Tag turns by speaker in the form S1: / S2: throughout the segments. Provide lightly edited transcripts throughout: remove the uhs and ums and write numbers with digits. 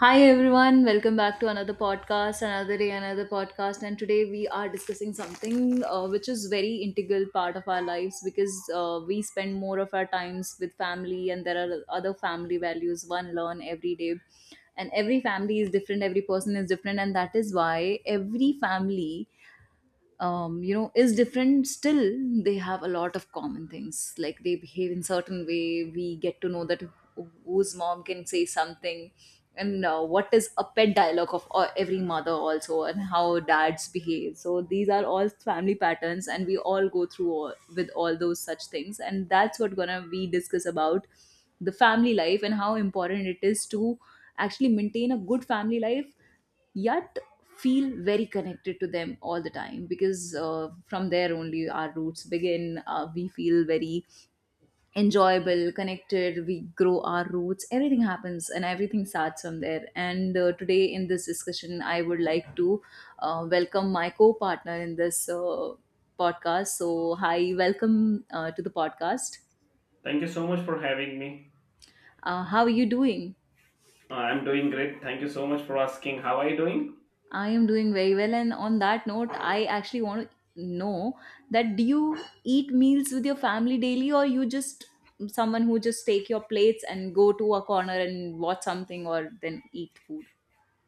S1: Hi everyone, welcome back to another podcast, another day, another podcast. And today we are discussing something, which is very integral part of our lives, because we spend more of our times with family, and there are other family values one learn every day. And every family is different, every person is different, and that is why every family is different. Still they have a lot of common things, like they behave in certain way, we get to know that whose mom can say something, and what is a pet dialogue of every mother also, and how dads behave. So these are all family patterns, and we all go through all, with all those such things, and that's what gonna we discuss about: the family life and how important it is to actually maintain a good family life, yet feel very connected to them all the time. Because from there only our roots begin. We feel very enjoyable connected, we grow our roots, everything happens and everything starts from there. And today in this discussion I would like to welcome my co-partner in this podcast. So hi, welcome to the podcast.
S2: Thank you so much for having me.
S1: How are you doing?
S2: I'm doing great. Thank you so much for asking. How are you doing?
S1: I am doing very well. And on that note, I actually want to know that, do you eat meals with your family daily, or you just someone who just take your plates and go to a corner and watch something or then eat food?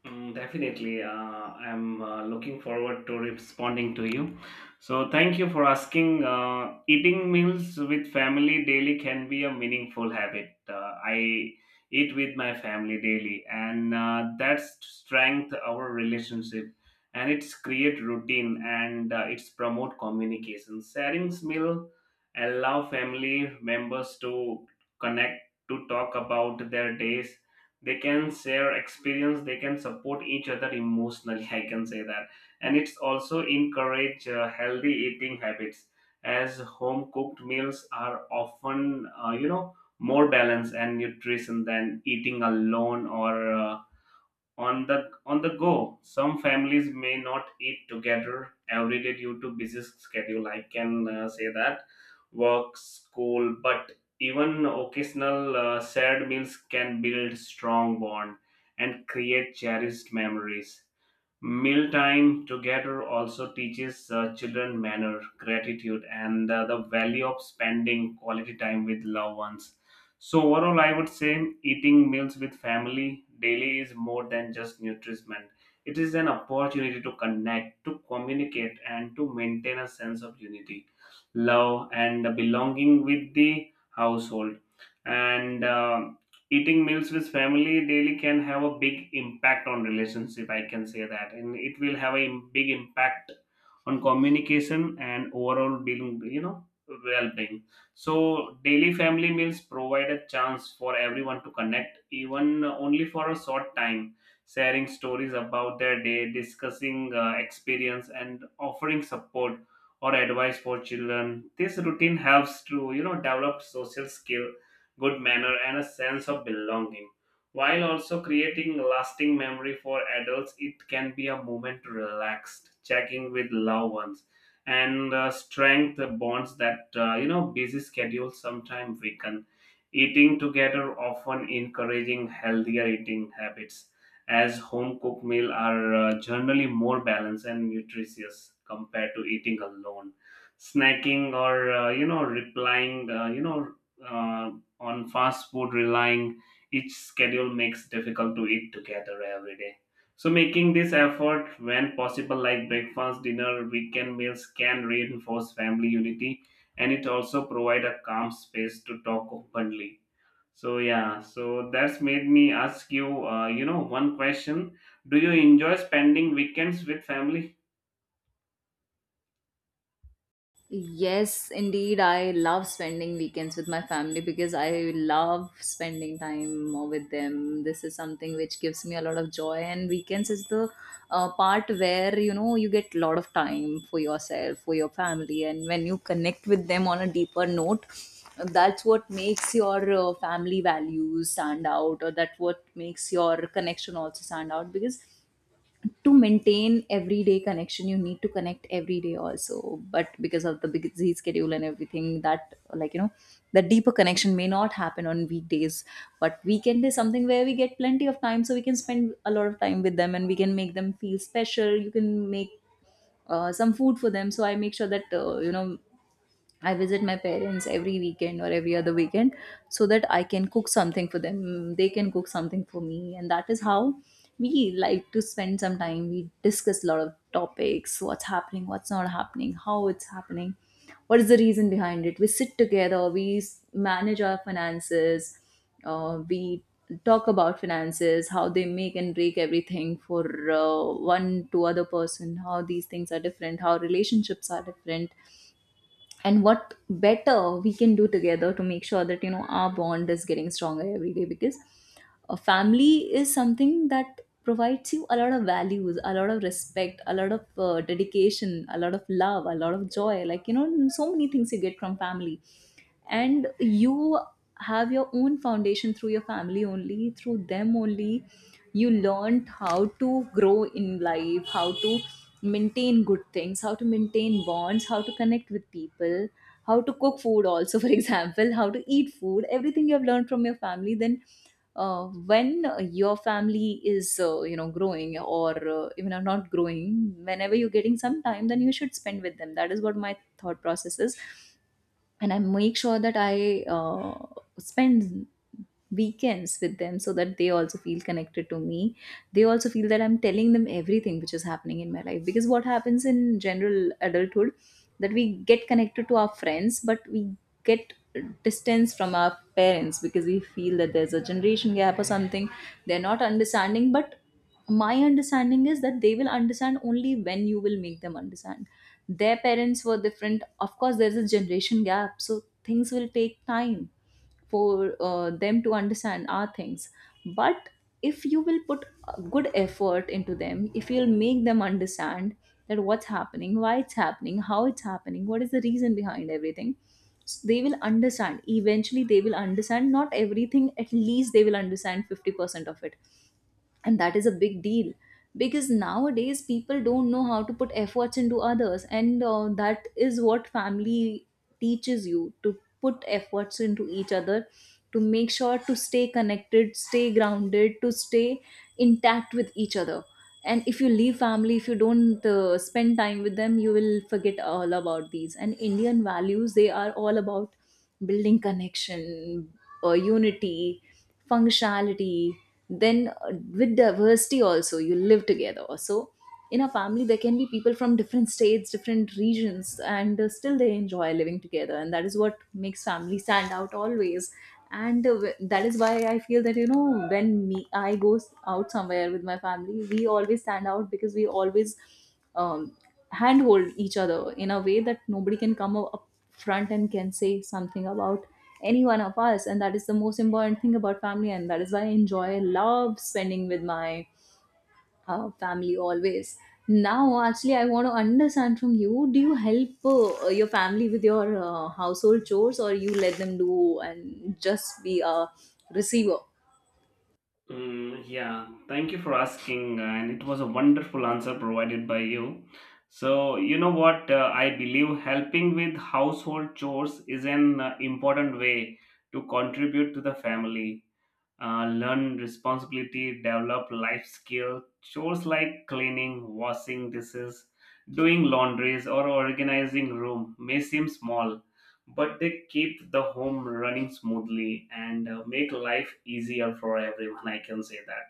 S2: Mm, definitely. I'm looking forward to responding to you. So, thank you for asking. Eating meals with family daily can be a meaningful habit. I eat with my family daily, and that's strength our relationship, and it's create routine, and it's promote communication. Sharing meal allow family members to connect, to talk about their days. They can share experience, they can support each other emotionally, I can say that. And it's also encourage healthy eating habits, as home cooked meals are often more balanced and nutrition than eating alone, or on the go. Some families may not eat together every day due to busy schedule, I can say that, work, school, but even occasional shared meals can build strong bond and create cherished memories. Mealtime together also teaches children manner, gratitude, and the value of spending quality time with loved ones. So, overall, I would say eating meals with family daily is more than just nutrition. It is an opportunity to connect, to communicate, and to maintain a sense of unity, love, and belonging with the household. And eating meals with family daily can have a big impact on relationship, I can say that, and it will have a big impact on communication and overall being, well-being. So daily family meals provide a chance for everyone to connect, even only for a short time, sharing stories about their day, discussing experience, and offering support or advice. For children, this routine helps to develop social skill, good manner, and a sense of belonging. While also creating lasting memory for adults, it can be a moment to relax, checking with loved ones, and strength bonds that busy schedules sometimes weaken. Eating together often encouraging healthier eating habits, as home cooked meal are generally more balanced and nutritious compared to eating alone, snacking, or replying, uh, on fast food, relying each schedule makes difficult to eat together every day. So making this effort when possible, like breakfast, dinner, weekend meals, can reinforce family unity, and it also provide a calm space to talk openly. So yeah, so that's made me ask you, you know one question. Do you enjoy spending weekends with family?
S1: Yes, indeed. I love spending weekends with my family because I love spending time with them. This is something which gives me a lot of joy, and weekends is the part where you know you get a lot of time for yourself, for your family, and when you connect with them on a deeper note, that's what makes your family values stand out, or that what makes your connection also stand out. Because to maintain everyday connection you need to connect every day also, but because of the busy schedule and everything, that like you know, the deeper connection may not happen on weekdays. But weekend is something where we get plenty of time, so we can spend a lot of time with them and we can make them feel special. You can make some food for them. So I make sure that, you know, I visit my parents every weekend or every other weekend, so that I can cook something for them. They can cook something for me. And that is how we like to spend some time. We discuss a lot of topics, what's happening, what's not happening, how it's happening, what is the reason behind it. We sit together, manage our finances, we talk about finances, how they make and break everything for one to other person, how these things are different, how relationships are different, and what better we can do together to make sure that you know our bond is getting stronger every day. Because a family is something that provides you a lot of values, a lot of respect, a lot of dedication, a lot of love, a lot of joy, like you know, so many things you get from family. And you have your own foundation through your family only, through them only you learned how to grow in life, how to maintain good things, how to maintain bonds, how to connect with people, how to cook food also, for example, how to eat food, everything you have learned from your family. Then uh, when your family is, you know, growing, or even are not growing, whenever you're getting some time, then you should spend with them. That is what my thought process is, and I make sure that I spend weekends with them, so that they also feel connected to me. They also feel that I'm telling them everything which is happening in my life. Because what happens in general adulthood, that we get connected to our friends, but we get distance from our parents, because we feel that there's a generation gap or something, they're not understanding. But my understanding is that they will understand only when you will make them understand. Their parents were different, of course there's a generation gap, so things will take time for them to understand our things. But if you will put a good effort into them, if you'll make them understand that what's happening, why it's happening, how it's happening, what is the reason behind everything, so they will understand. Eventually they will understand, not everything, at least they will understand 50% of it, and that is a big deal. Because nowadays people don't know how to put efforts into others, and that is what family teaches you, to put efforts into each other, to make sure to stay connected, stay grounded, to stay intact with each other. And if you leave family, if you don't spend time with them, you will forget all about these. And Indian values, they are all about building connection, unity, functionality. Then with diversity also, you live together. So in a family, there can be people from different states, different regions, and still they enjoy living together. And that is what makes family stand out always. And that is why I feel that, you know, when me I out somewhere with my family, we always stand out, because we always um, handhold each other in a way that nobody can come up up front and can say something about any one of us. And that is the most important thing about family, and that is why I enjoy love spending with my family always. Now actually I want to understand from you, do you help your family with your household chores, or you let them do and just be a receiver?
S2: Mm, yeah, thank you for asking, and it was a wonderful answer provided by you. So, you know what? I believe helping with household chores is an important way to contribute to the family, learn responsibility, develop life skill. Chores like cleaning, washing dishes, doing laundries, or organizing room may seem small, but they keep the home running smoothly and make life easier for everyone, I can say that.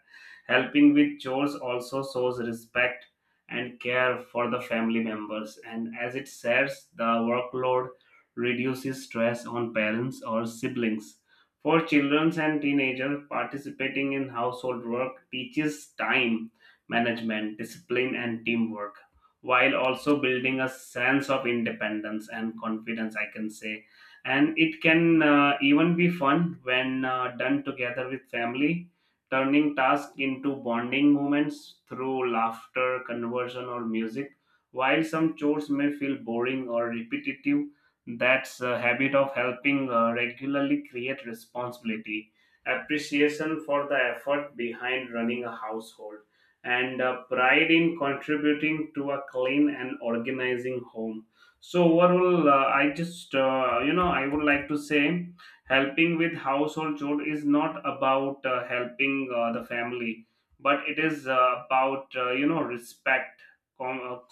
S2: Helping with chores also shows respect and care for the family members, and as it shares the workload, reduces stress on parents or siblings. For children and teenagers, participating in household work teaches time management, discipline, and teamwork, while also building a sense of independence and confidence, I can say. And it can even be fun when done together with family, turning tasks into bonding moments through laughter, conversion, or music. While some chores may feel boring or repetitive, that's a habit of helping regularly create responsibility, appreciation for the effort behind running a household, and pride in contributing to a clean and organizing home. So overall, I just I would like to say, helping with household chore is not about helping the family, but it is about, respect, com-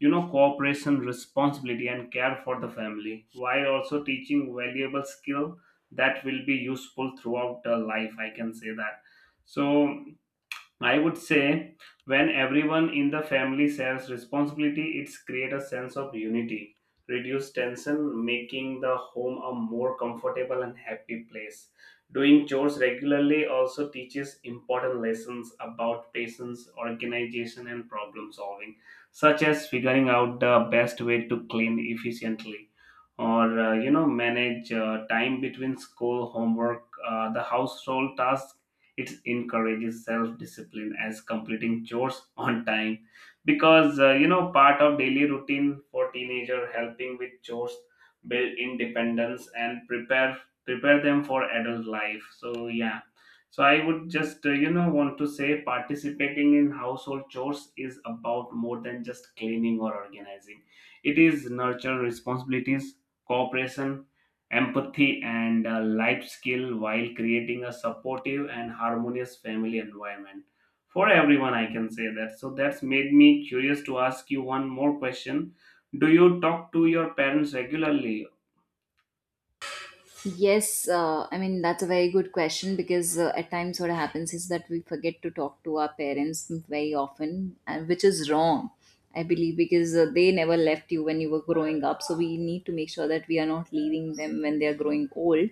S2: cooperation, responsibility, and care for the family, while also teaching valuable skill that will be useful throughout the life, I can say that. So I would say, when everyone in the family shares responsibility, it's create a sense of unity, reduce tension, making the home a more comfortable and happy place. Doing chores regularly also teaches important lessons about patience, organization, and problem solving, such as figuring out the best way to clean efficiently, or manage time between school, homework, the household tasks. It encourages self discipline as completing chores on time, because part of daily routine. For teenager, helping with chores build independence and prepare them for adult life. So yeah. So I would just, want to say participating in household chores is about more than just cleaning or organizing. It is nurture responsibilities, cooperation, empathy, and life skill, while creating a supportive and harmonious family environment for everyone, I can say that. So that's made me curious to ask you one more question. Do you talk to your parents regularly?
S1: Yes, I mean, that's a very good question. Because at times what happens is that we forget to talk to our parents very often, and which is wrong, I believe, because they never left you when you were growing up. So we need to make sure that we are not leaving them when they are growing old,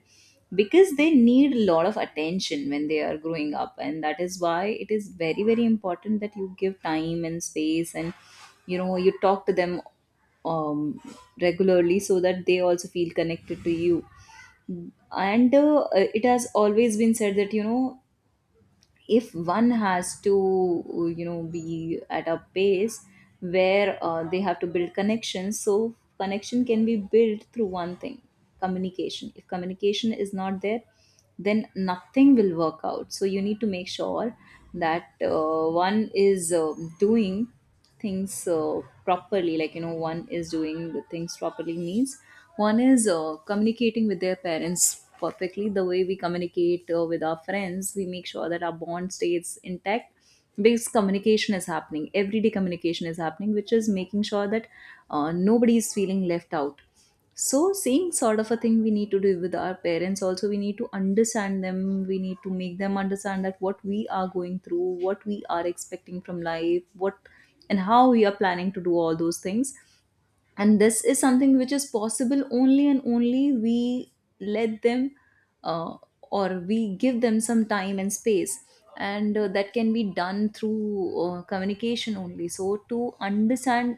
S1: because they need a lot of attention when they are growing up. And that is why it is very, very important that you give time and space and, you know, you talk to them um, regularly, so that they also feel connected to you. And it has always been said that, you know, if one has to you know be at a pace where they have to build connections, so connection can be built through one thing: communication. If communication is not there, then nothing will work out. So you need to make sure that one is doing things properly. Like you know, one is doing the things properly means one is communicating with their parents perfectly, the way we communicate with our friends. We make sure that our bond stays intact, because communication is happening, everyday communication is happening, which is making sure that nobody is feeling left out. So, same sort of a thing we need to do with our parents. Also, we need to understand them. We need to make them understand that what we are going through, what we are expecting from life, what and how we are planning to do all those things. And this is something which is possible only and only we let them, uh, or we give them some time and space. And that can be done through communication only. So to understand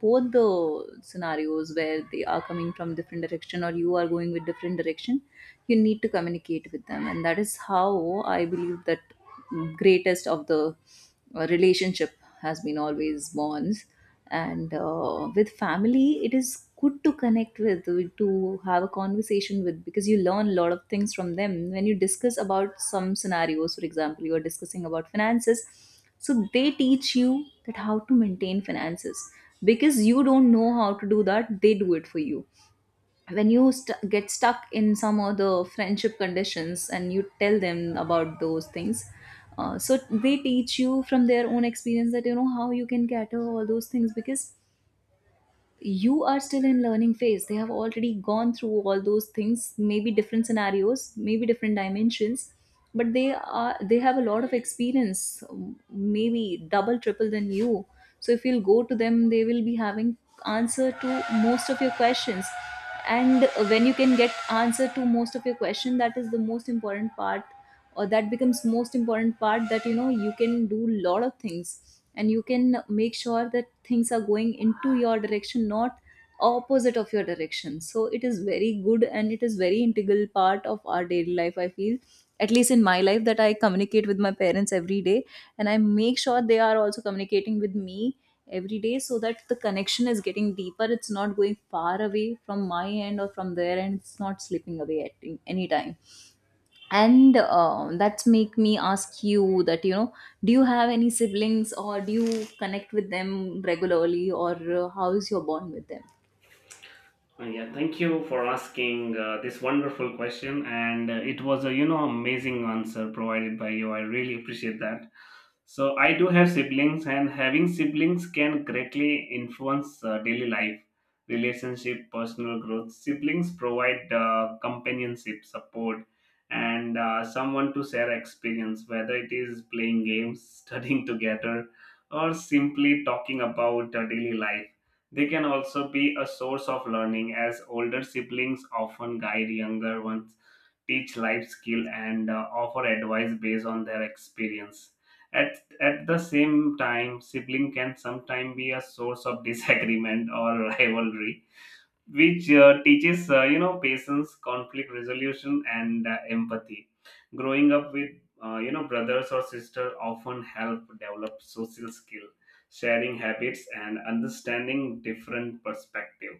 S1: both the scenarios, where they are coming from different direction or you are going with different direction, you need to communicate with them. And that is how I believe that greatest of the relationship has been always bonds. And with family it is good to connect with, to have a conversation with, because you learn a lot of things from them when you discuss about some scenarios. For example, you are discussing about finances, so they teach you that how to maintain finances, because you don't know how to do that, they do it for you. When get stuck in some of the friendship conditions and you tell them about those things, so they teach you from their own experience that you know how you can cater all those things. Because you are still in learning phase, they have already gone through all those things, maybe different scenarios, maybe different dimensions. But they are, they have a lot of experience, maybe double triple than you. So if you'll go to them, they will be having answer to most of your questions. And when you can get answer to most of your question, that is the most important part, or that becomes most important part. That, you know, you can do lot of things, and you can make sure that things are going into your direction, not opposite of your direction. So it is very good and it is very integral part of our daily life, I feel. At least in my life, that I communicate with my parents every day, and I make sure they are also communicating with me every day, so that the connection is getting deeper. It's not going far away from my end or from their end, it's not slipping away at any time. And that's make me ask you that, you know, do you have any siblings, or do you connect with them regularly, or how is your bond with them?
S2: Yeah, thank you for asking this wonderful question, and it was a amazing answer provided by you. I really appreciate that. So I do have siblings, and having siblings can greatly influence daily life, relationship, personal growth. Siblings provide companionship, support, and someone to share experience, whether it is playing games, studying together, or simply talking about daily life. They can also be a source of learning, as older siblings often guide younger ones, teach life skill, and offer advice based on their experience. At the same time, sibling can sometimes be a source of disagreement or rivalry, which teaches patience, conflict resolution, and empathy. Growing up with brothers or sister often help develop social skill, sharing habits, and understanding different perspective.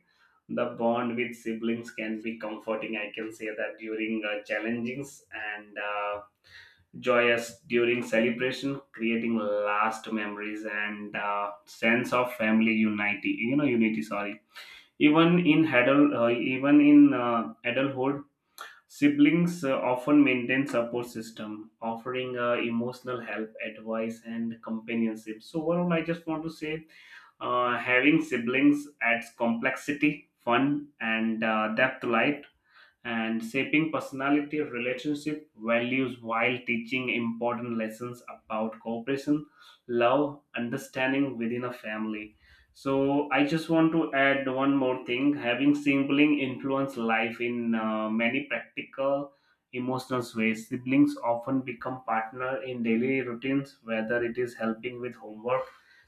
S2: The bond with siblings can be comforting, I can say that, during challengings and joyous during celebration, creating last memories and sense of family unity, unity, sorry. Even in adult, even in adulthood, siblings often maintain support system, offering emotional help, advice, and companionship. So overall, I just want to say, having siblings adds complexity, fun, and depth to life, and shaping personality, relationship, values, while teaching important lessons about cooperation, love, understanding within a family. So I just want to add one more thing. Having sibling influence life in many practical, emotional ways. Siblings often become partner in daily routines, whether it is helping with homework,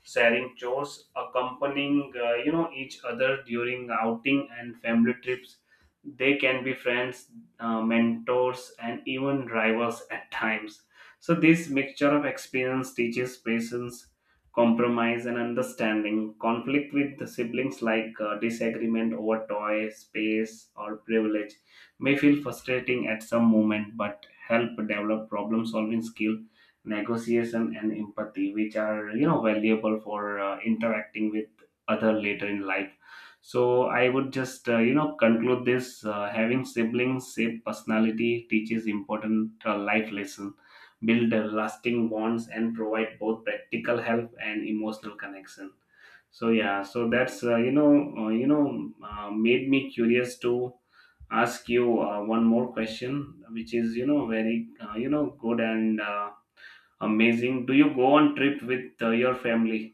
S2: sharing chores, accompanying each other during outing and family trips. They can be friends, mentors, and even rivals at times. So, this mixture of experience teaches patience, compromise, and understanding. Conflict with the siblings, like disagreement over toy, space, or privilege, may feel frustrating at some moment, but help develop problem solving skill, negotiation, and empathy, which are valuable for interacting with other later in life. So I would just conclude this, having siblings shape personality, teaches important life lesson, build lasting bonds, and provide both practical help and emotional connection. So yeah, so that's made me curious to ask you one more question, which is very good and amazing. Do you go on trip with your family?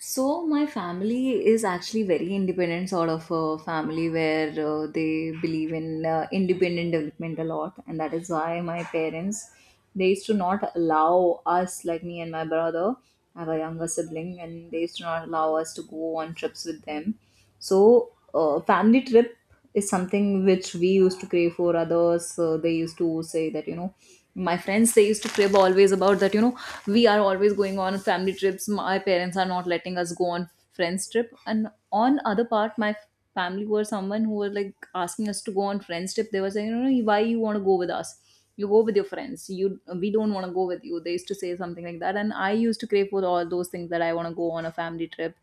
S1: So my family is actually very independent sort of a family, where they believe in independent development a lot, and that is why my parents, they used to not allow us, like me and my brother. I have a younger sibling, and they used to not allow us to go on trips with them. So, family trip is something which we used to crave for others. They used to say that, you know, my friends, they used to crib always about that, you know, we are always going on family trips. My parents are not letting us go on friends trip. And on other part, my family were someone who were like asking us to go on friends trip. They were saying, "No, no, you know, why you want to go with us? You go with your friends. You we don't want to go with you." They used to say something like that, and I used to crave for all those things, that I want to go on a family trip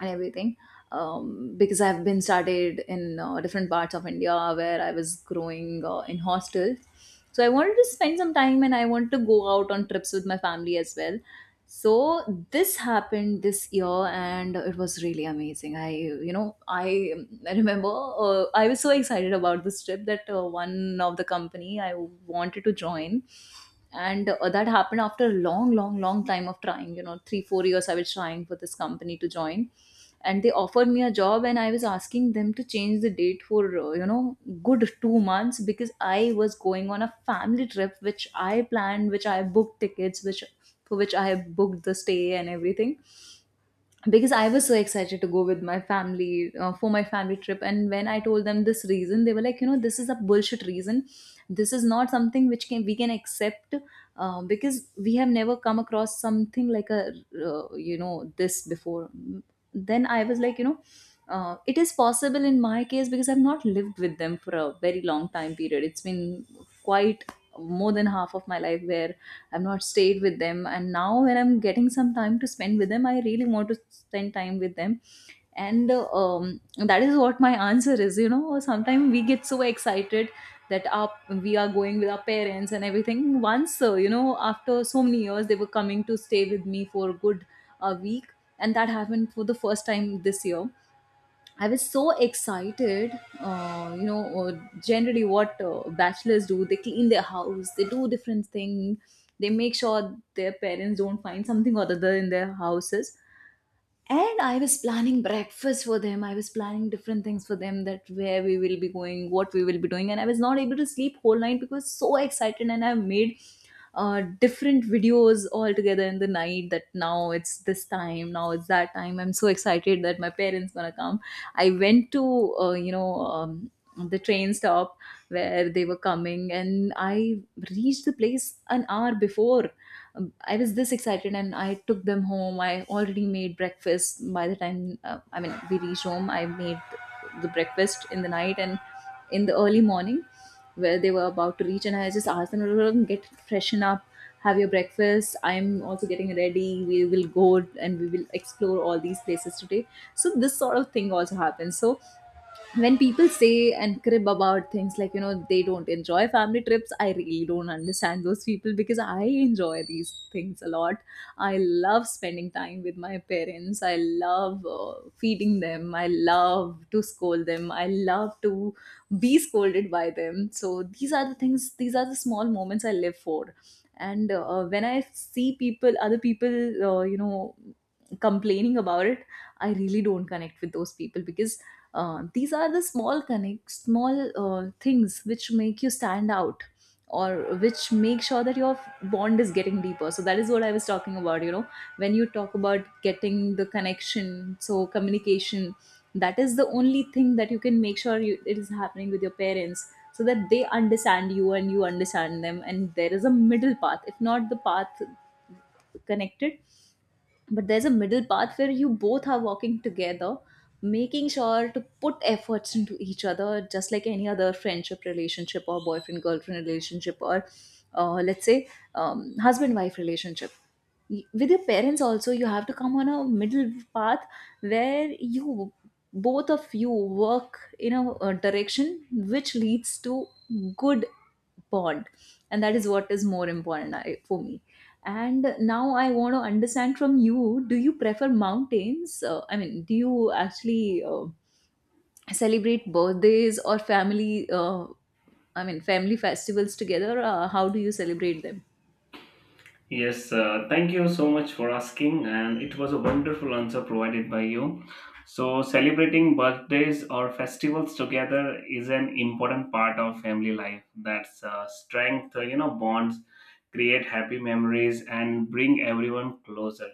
S1: and everything. Because I've been studied in different parts of India, where I was growing in hostels. So I wanted to spend some time, and I wanted to go out on trips with my family as well. So this happened this year, and it was really amazing. I remember, I was so excited about this trip that one of the company I wanted to join, and that happened after a long time of trying, you know, 3 4 years I was trying for this company to join, and they offered me a job, and I was asking them to change the date for you know, good 2 months, because I was going on a family trip, which I planned, which I booked tickets, which for which I booked the stay and everything, because I was so excited to go with my family for my family trip. And when I told them this reason, they were like, you know, "This is a bullshit reason. This is not something which can we can accept, because we have never come across something like a you know, this before." Then I was like, you know, it is possible in my case, because I've not lived with them for a very long time period. It's been quite more than half of my life where I've not stayed with them. And now when I'm getting some time to spend with them, I really want to spend time with them. And that is what my answer is. You know, sometimes we get so excited that our, we are going with our parents and everything. Once, you know, after so many years, they were coming to stay with me for a good week. And that happened for the first time this year. I was so excited. Generally, what bachelors do, they clean their house, they do different things, they make sure their parents don't find something or other in their houses. And I was planning breakfast for them, I was planning different things for them, that where we will be going, what we will be doing, and I was not able to sleep whole night because so excited. And I made different videos all together in the night, that now it's this time, now it's that time, I'm so excited that my parents gonna come. I went to the train stop where they were coming, and I reached the place an hour before. I was this excited, and I took them home. I already made breakfast by the time, I mean, we reached home. I made the breakfast in the night and in the early morning, where they were about to reach. And I just asked them, "Rrrr, get freshen up, have your breakfast. I'm also getting ready. We will go and we will explore all these places today." So, this sort of thing also happens. So, when people say and crib about things like, you know, they don't enjoy family trips, I really don't understand those people, because I enjoy these things a lot. I love spending time with my parents, I love feeding them, I love to scold them, I love to be scolded by them. So these are the things, these are the small moments I live for. And when I see people other people, uh, you know complaining about it, I really don't connect with those people, because these are the small connects, small things which make you stand out, or which make sure that your bond is getting deeper. So that is what I was talking about, you know, when you talk about getting the connection, so communication, that is the only thing that you can make sure you, it is happening with your parents, so that they understand you and you understand them, and there is a middle path, if not the path connected, but there's a middle path where you both are walking together, making sure to put efforts into each other, just like any other friendship relationship, or boyfriend girlfriend relationship, or let's say husband wife relationship. With your parents also, you have to come on a middle path where you both of you work in a direction which leads to good bond. And that is what is more important for me. And now I want to understand from you, do you prefer mountains, I mean, do you actually celebrate birthdays or family I mean, family festivals together? How do you celebrate them?
S2: Yes, thank you so much for asking, and it was a wonderful answer provided by you. So, celebrating birthdays or festivals together is an important part of family life. That's strength, bonds, create happy memories, and bring everyone closer.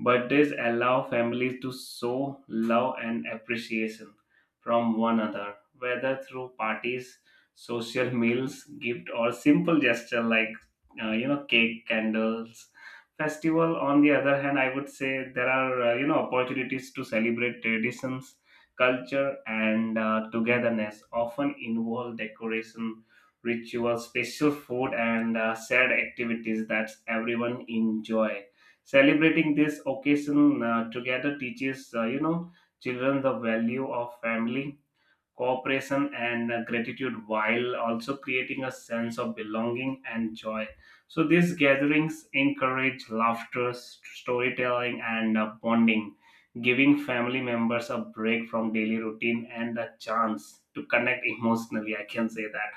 S2: Birthdays allow families to show love and appreciation from one another, whether through parties, social meals, gift, or simple gesture like cake, candles. Festival, on the other hand, I would say, there are opportunities to celebrate traditions, culture, and togetherness, often involve decoration, rituals, special food, and shared activities that everyone enjoy. Celebrating this occasion together teaches children the value of family, cooperation, and gratitude, while also creating a sense of belonging and joy. So these gatherings encourage laughter, storytelling, and bonding, giving family members a break from daily routine and a chance to connect emotionally, I can say that.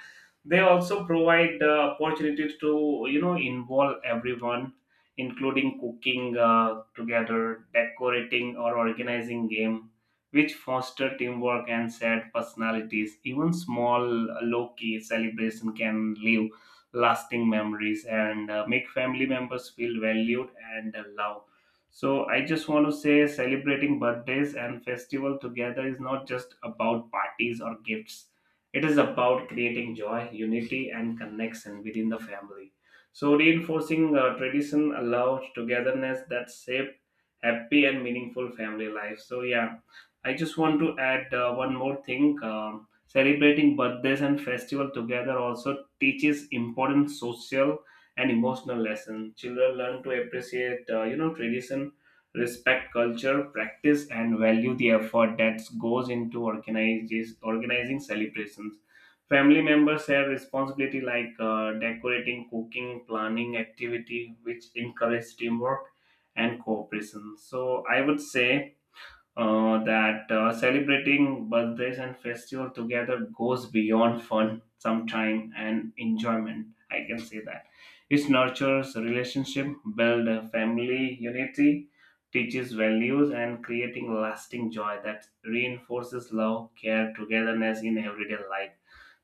S2: They also provide opportunities to involve everyone, including cooking together, decorating, or organizing game, which foster teamwork and shared personalities. Even small, low key celebration can leave lasting memories and make family members feel valued and loved. So, I just want to say celebrating birthdays and festival together is not just about parties or gifts. It is about creating joy, unity, and connection within the family. So, reinforcing tradition allows togetherness that shape happy and meaningful family life. So, yeah, I just want to add one more thing. Celebrating birthdays and festival together also teaches important social and emotional lessons. Children learn to appreciate, tradition, respect culture, practice, and value the effort that goes into organizing celebrations. Family members have responsibility like decorating, cooking, planning activity, which encourage teamwork and cooperation. So I would say that celebrating birthdays and festival together goes beyond fun sometime and enjoyment, I can say that. It nurtures relationship, build a family unity, teaches values, and creating lasting joy that reinforces love, care, togetherness in everyday life.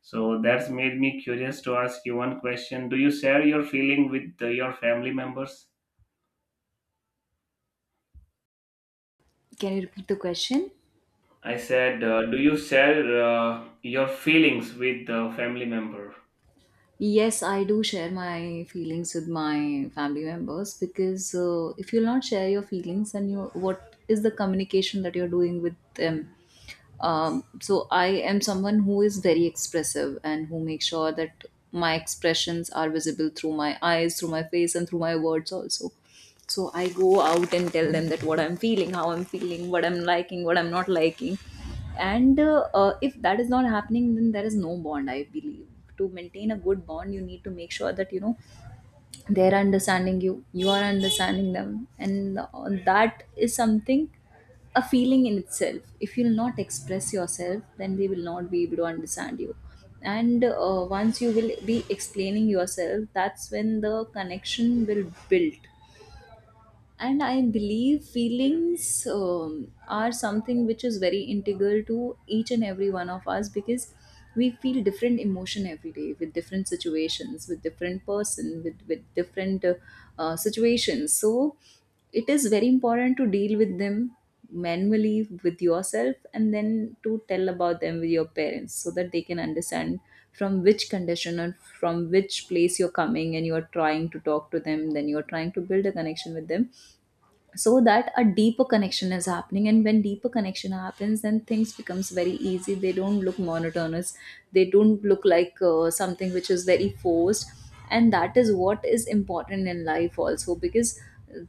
S2: So that's made me curious to ask you one question. Do you share your feeling with your family members?
S1: Can you repeat the question?
S2: I said, do you share your feelings with the family member?
S1: Yes, I do share my feelings with my family members, because if you'll not share your feelings and you, what is the communication that you're doing with them? So I am someone who is very expressive, and who makes sure that my expressions are visible through my eyes, through my face, and through my words also. So I go out and tell them that what I'm feeling, how I'm feeling, what I'm liking, what I'm not liking. And if that is not happening, then there is no bond, I believe. To maintain a good bond, you need to make sure that, you know, they're understanding you, you are understanding them, and that is something, a feeling in itself. If you'll not express yourself, then they will not be able to understand you. And once you will be explaining yourself, that's when the connection will build. And I believe feelings are something which is very integral to each and every one of us, because we feel different emotion every day, with different situations, with different person, with different situations. So it is very important to deal with them manually with yourself, and then to tell about them with your parents, so that they can understand from which condition and from which place you're coming, and you're trying to talk to them, then you're trying to build a connection with them, so that a deeper connection is happening. And when deeper connection happens, then things becomes very easy. They don't look monotonous, they don't look like something which is very forced. And that is what is important in life also, because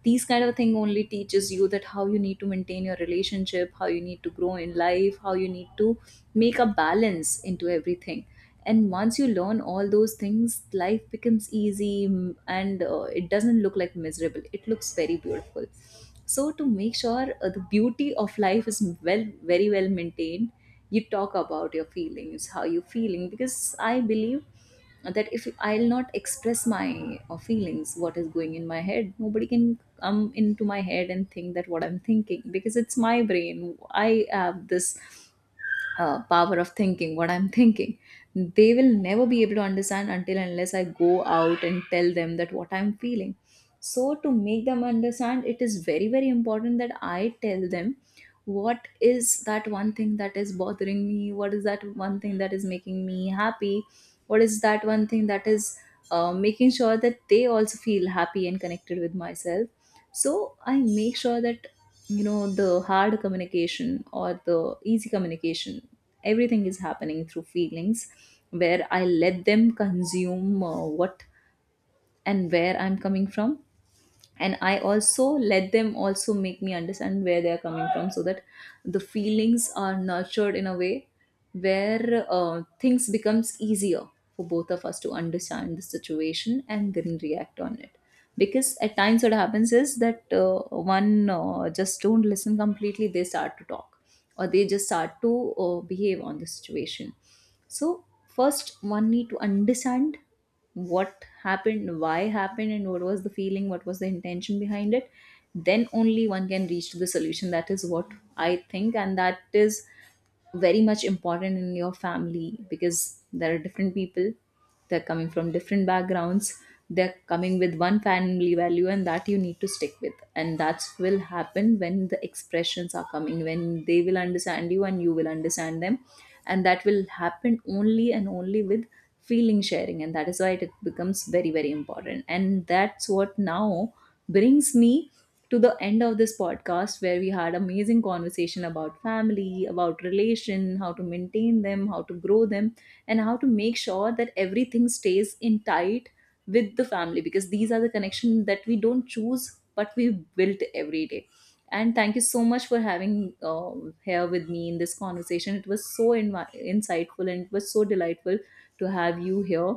S1: these kind of thing only teaches you that how you need to maintain your relationship, how you need to grow in life, how you need to make a balance into everything. And once you learn all those things, life becomes easy. And it doesn't look like miserable, it looks very beautiful. So to make sure the beauty of life is well very well maintained, you talk about your feelings, how you feeling, because I believe that if I'll not express my feelings, what is going in my head, nobody can come into my head and think that what I'm thinking, because it's my brain, I have this power of thinking what I'm thinking. They will never be able to understand until and unless I go out and tell them that what I'm feeling. So to make them understand, it is very very important that I tell them what is that one thing that is bothering me, what is that one thing that is making me happy, what is that one thing that is making sure that they also feel happy and connected with myself. So I make sure that, you know, the hard communication or the easy communication, everything is happening through feelings, where I let them consume what and where I'm coming from, and I also let them also make me understand where they are coming from, so that the feelings are nurtured in a way where things becomes easier for both of us to understand the situation and then react on it. Because at times what happens is that one just don't listen completely, they start to talk, or they just start to behave on the situation. So first one need to understand what happened, why happened, and what was the feeling, what was the intention behind it. Then only one can reach to the solution. That is what I think, and that is very much important in your family, because there are different people, they're coming from different backgrounds, they're coming with one family value, and that you need to stick with. And that will happen when the expressions are coming, when they will understand you and you will understand them. And that will happen only and only with feeling sharing. And that is why it becomes very very important. And that's what now brings me to the end of this podcast, where we had amazing conversation about family, about relation, how to maintain them, how to grow them, and how to make sure that everything stays in tight with the family, because these are the connection that we don't choose, but we built every day. And thank you so much for having here with me in this conversation. It was so insightful, and it was so delightful to have you here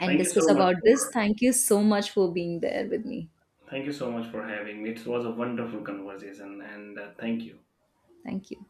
S1: and
S2: Thank you so
S1: discuss
S2: much
S1: about this.
S2: for
S1: Thank you so much for being there with me.
S2: having me. It was a wonderful conversation, and thank you.
S1: Thank you.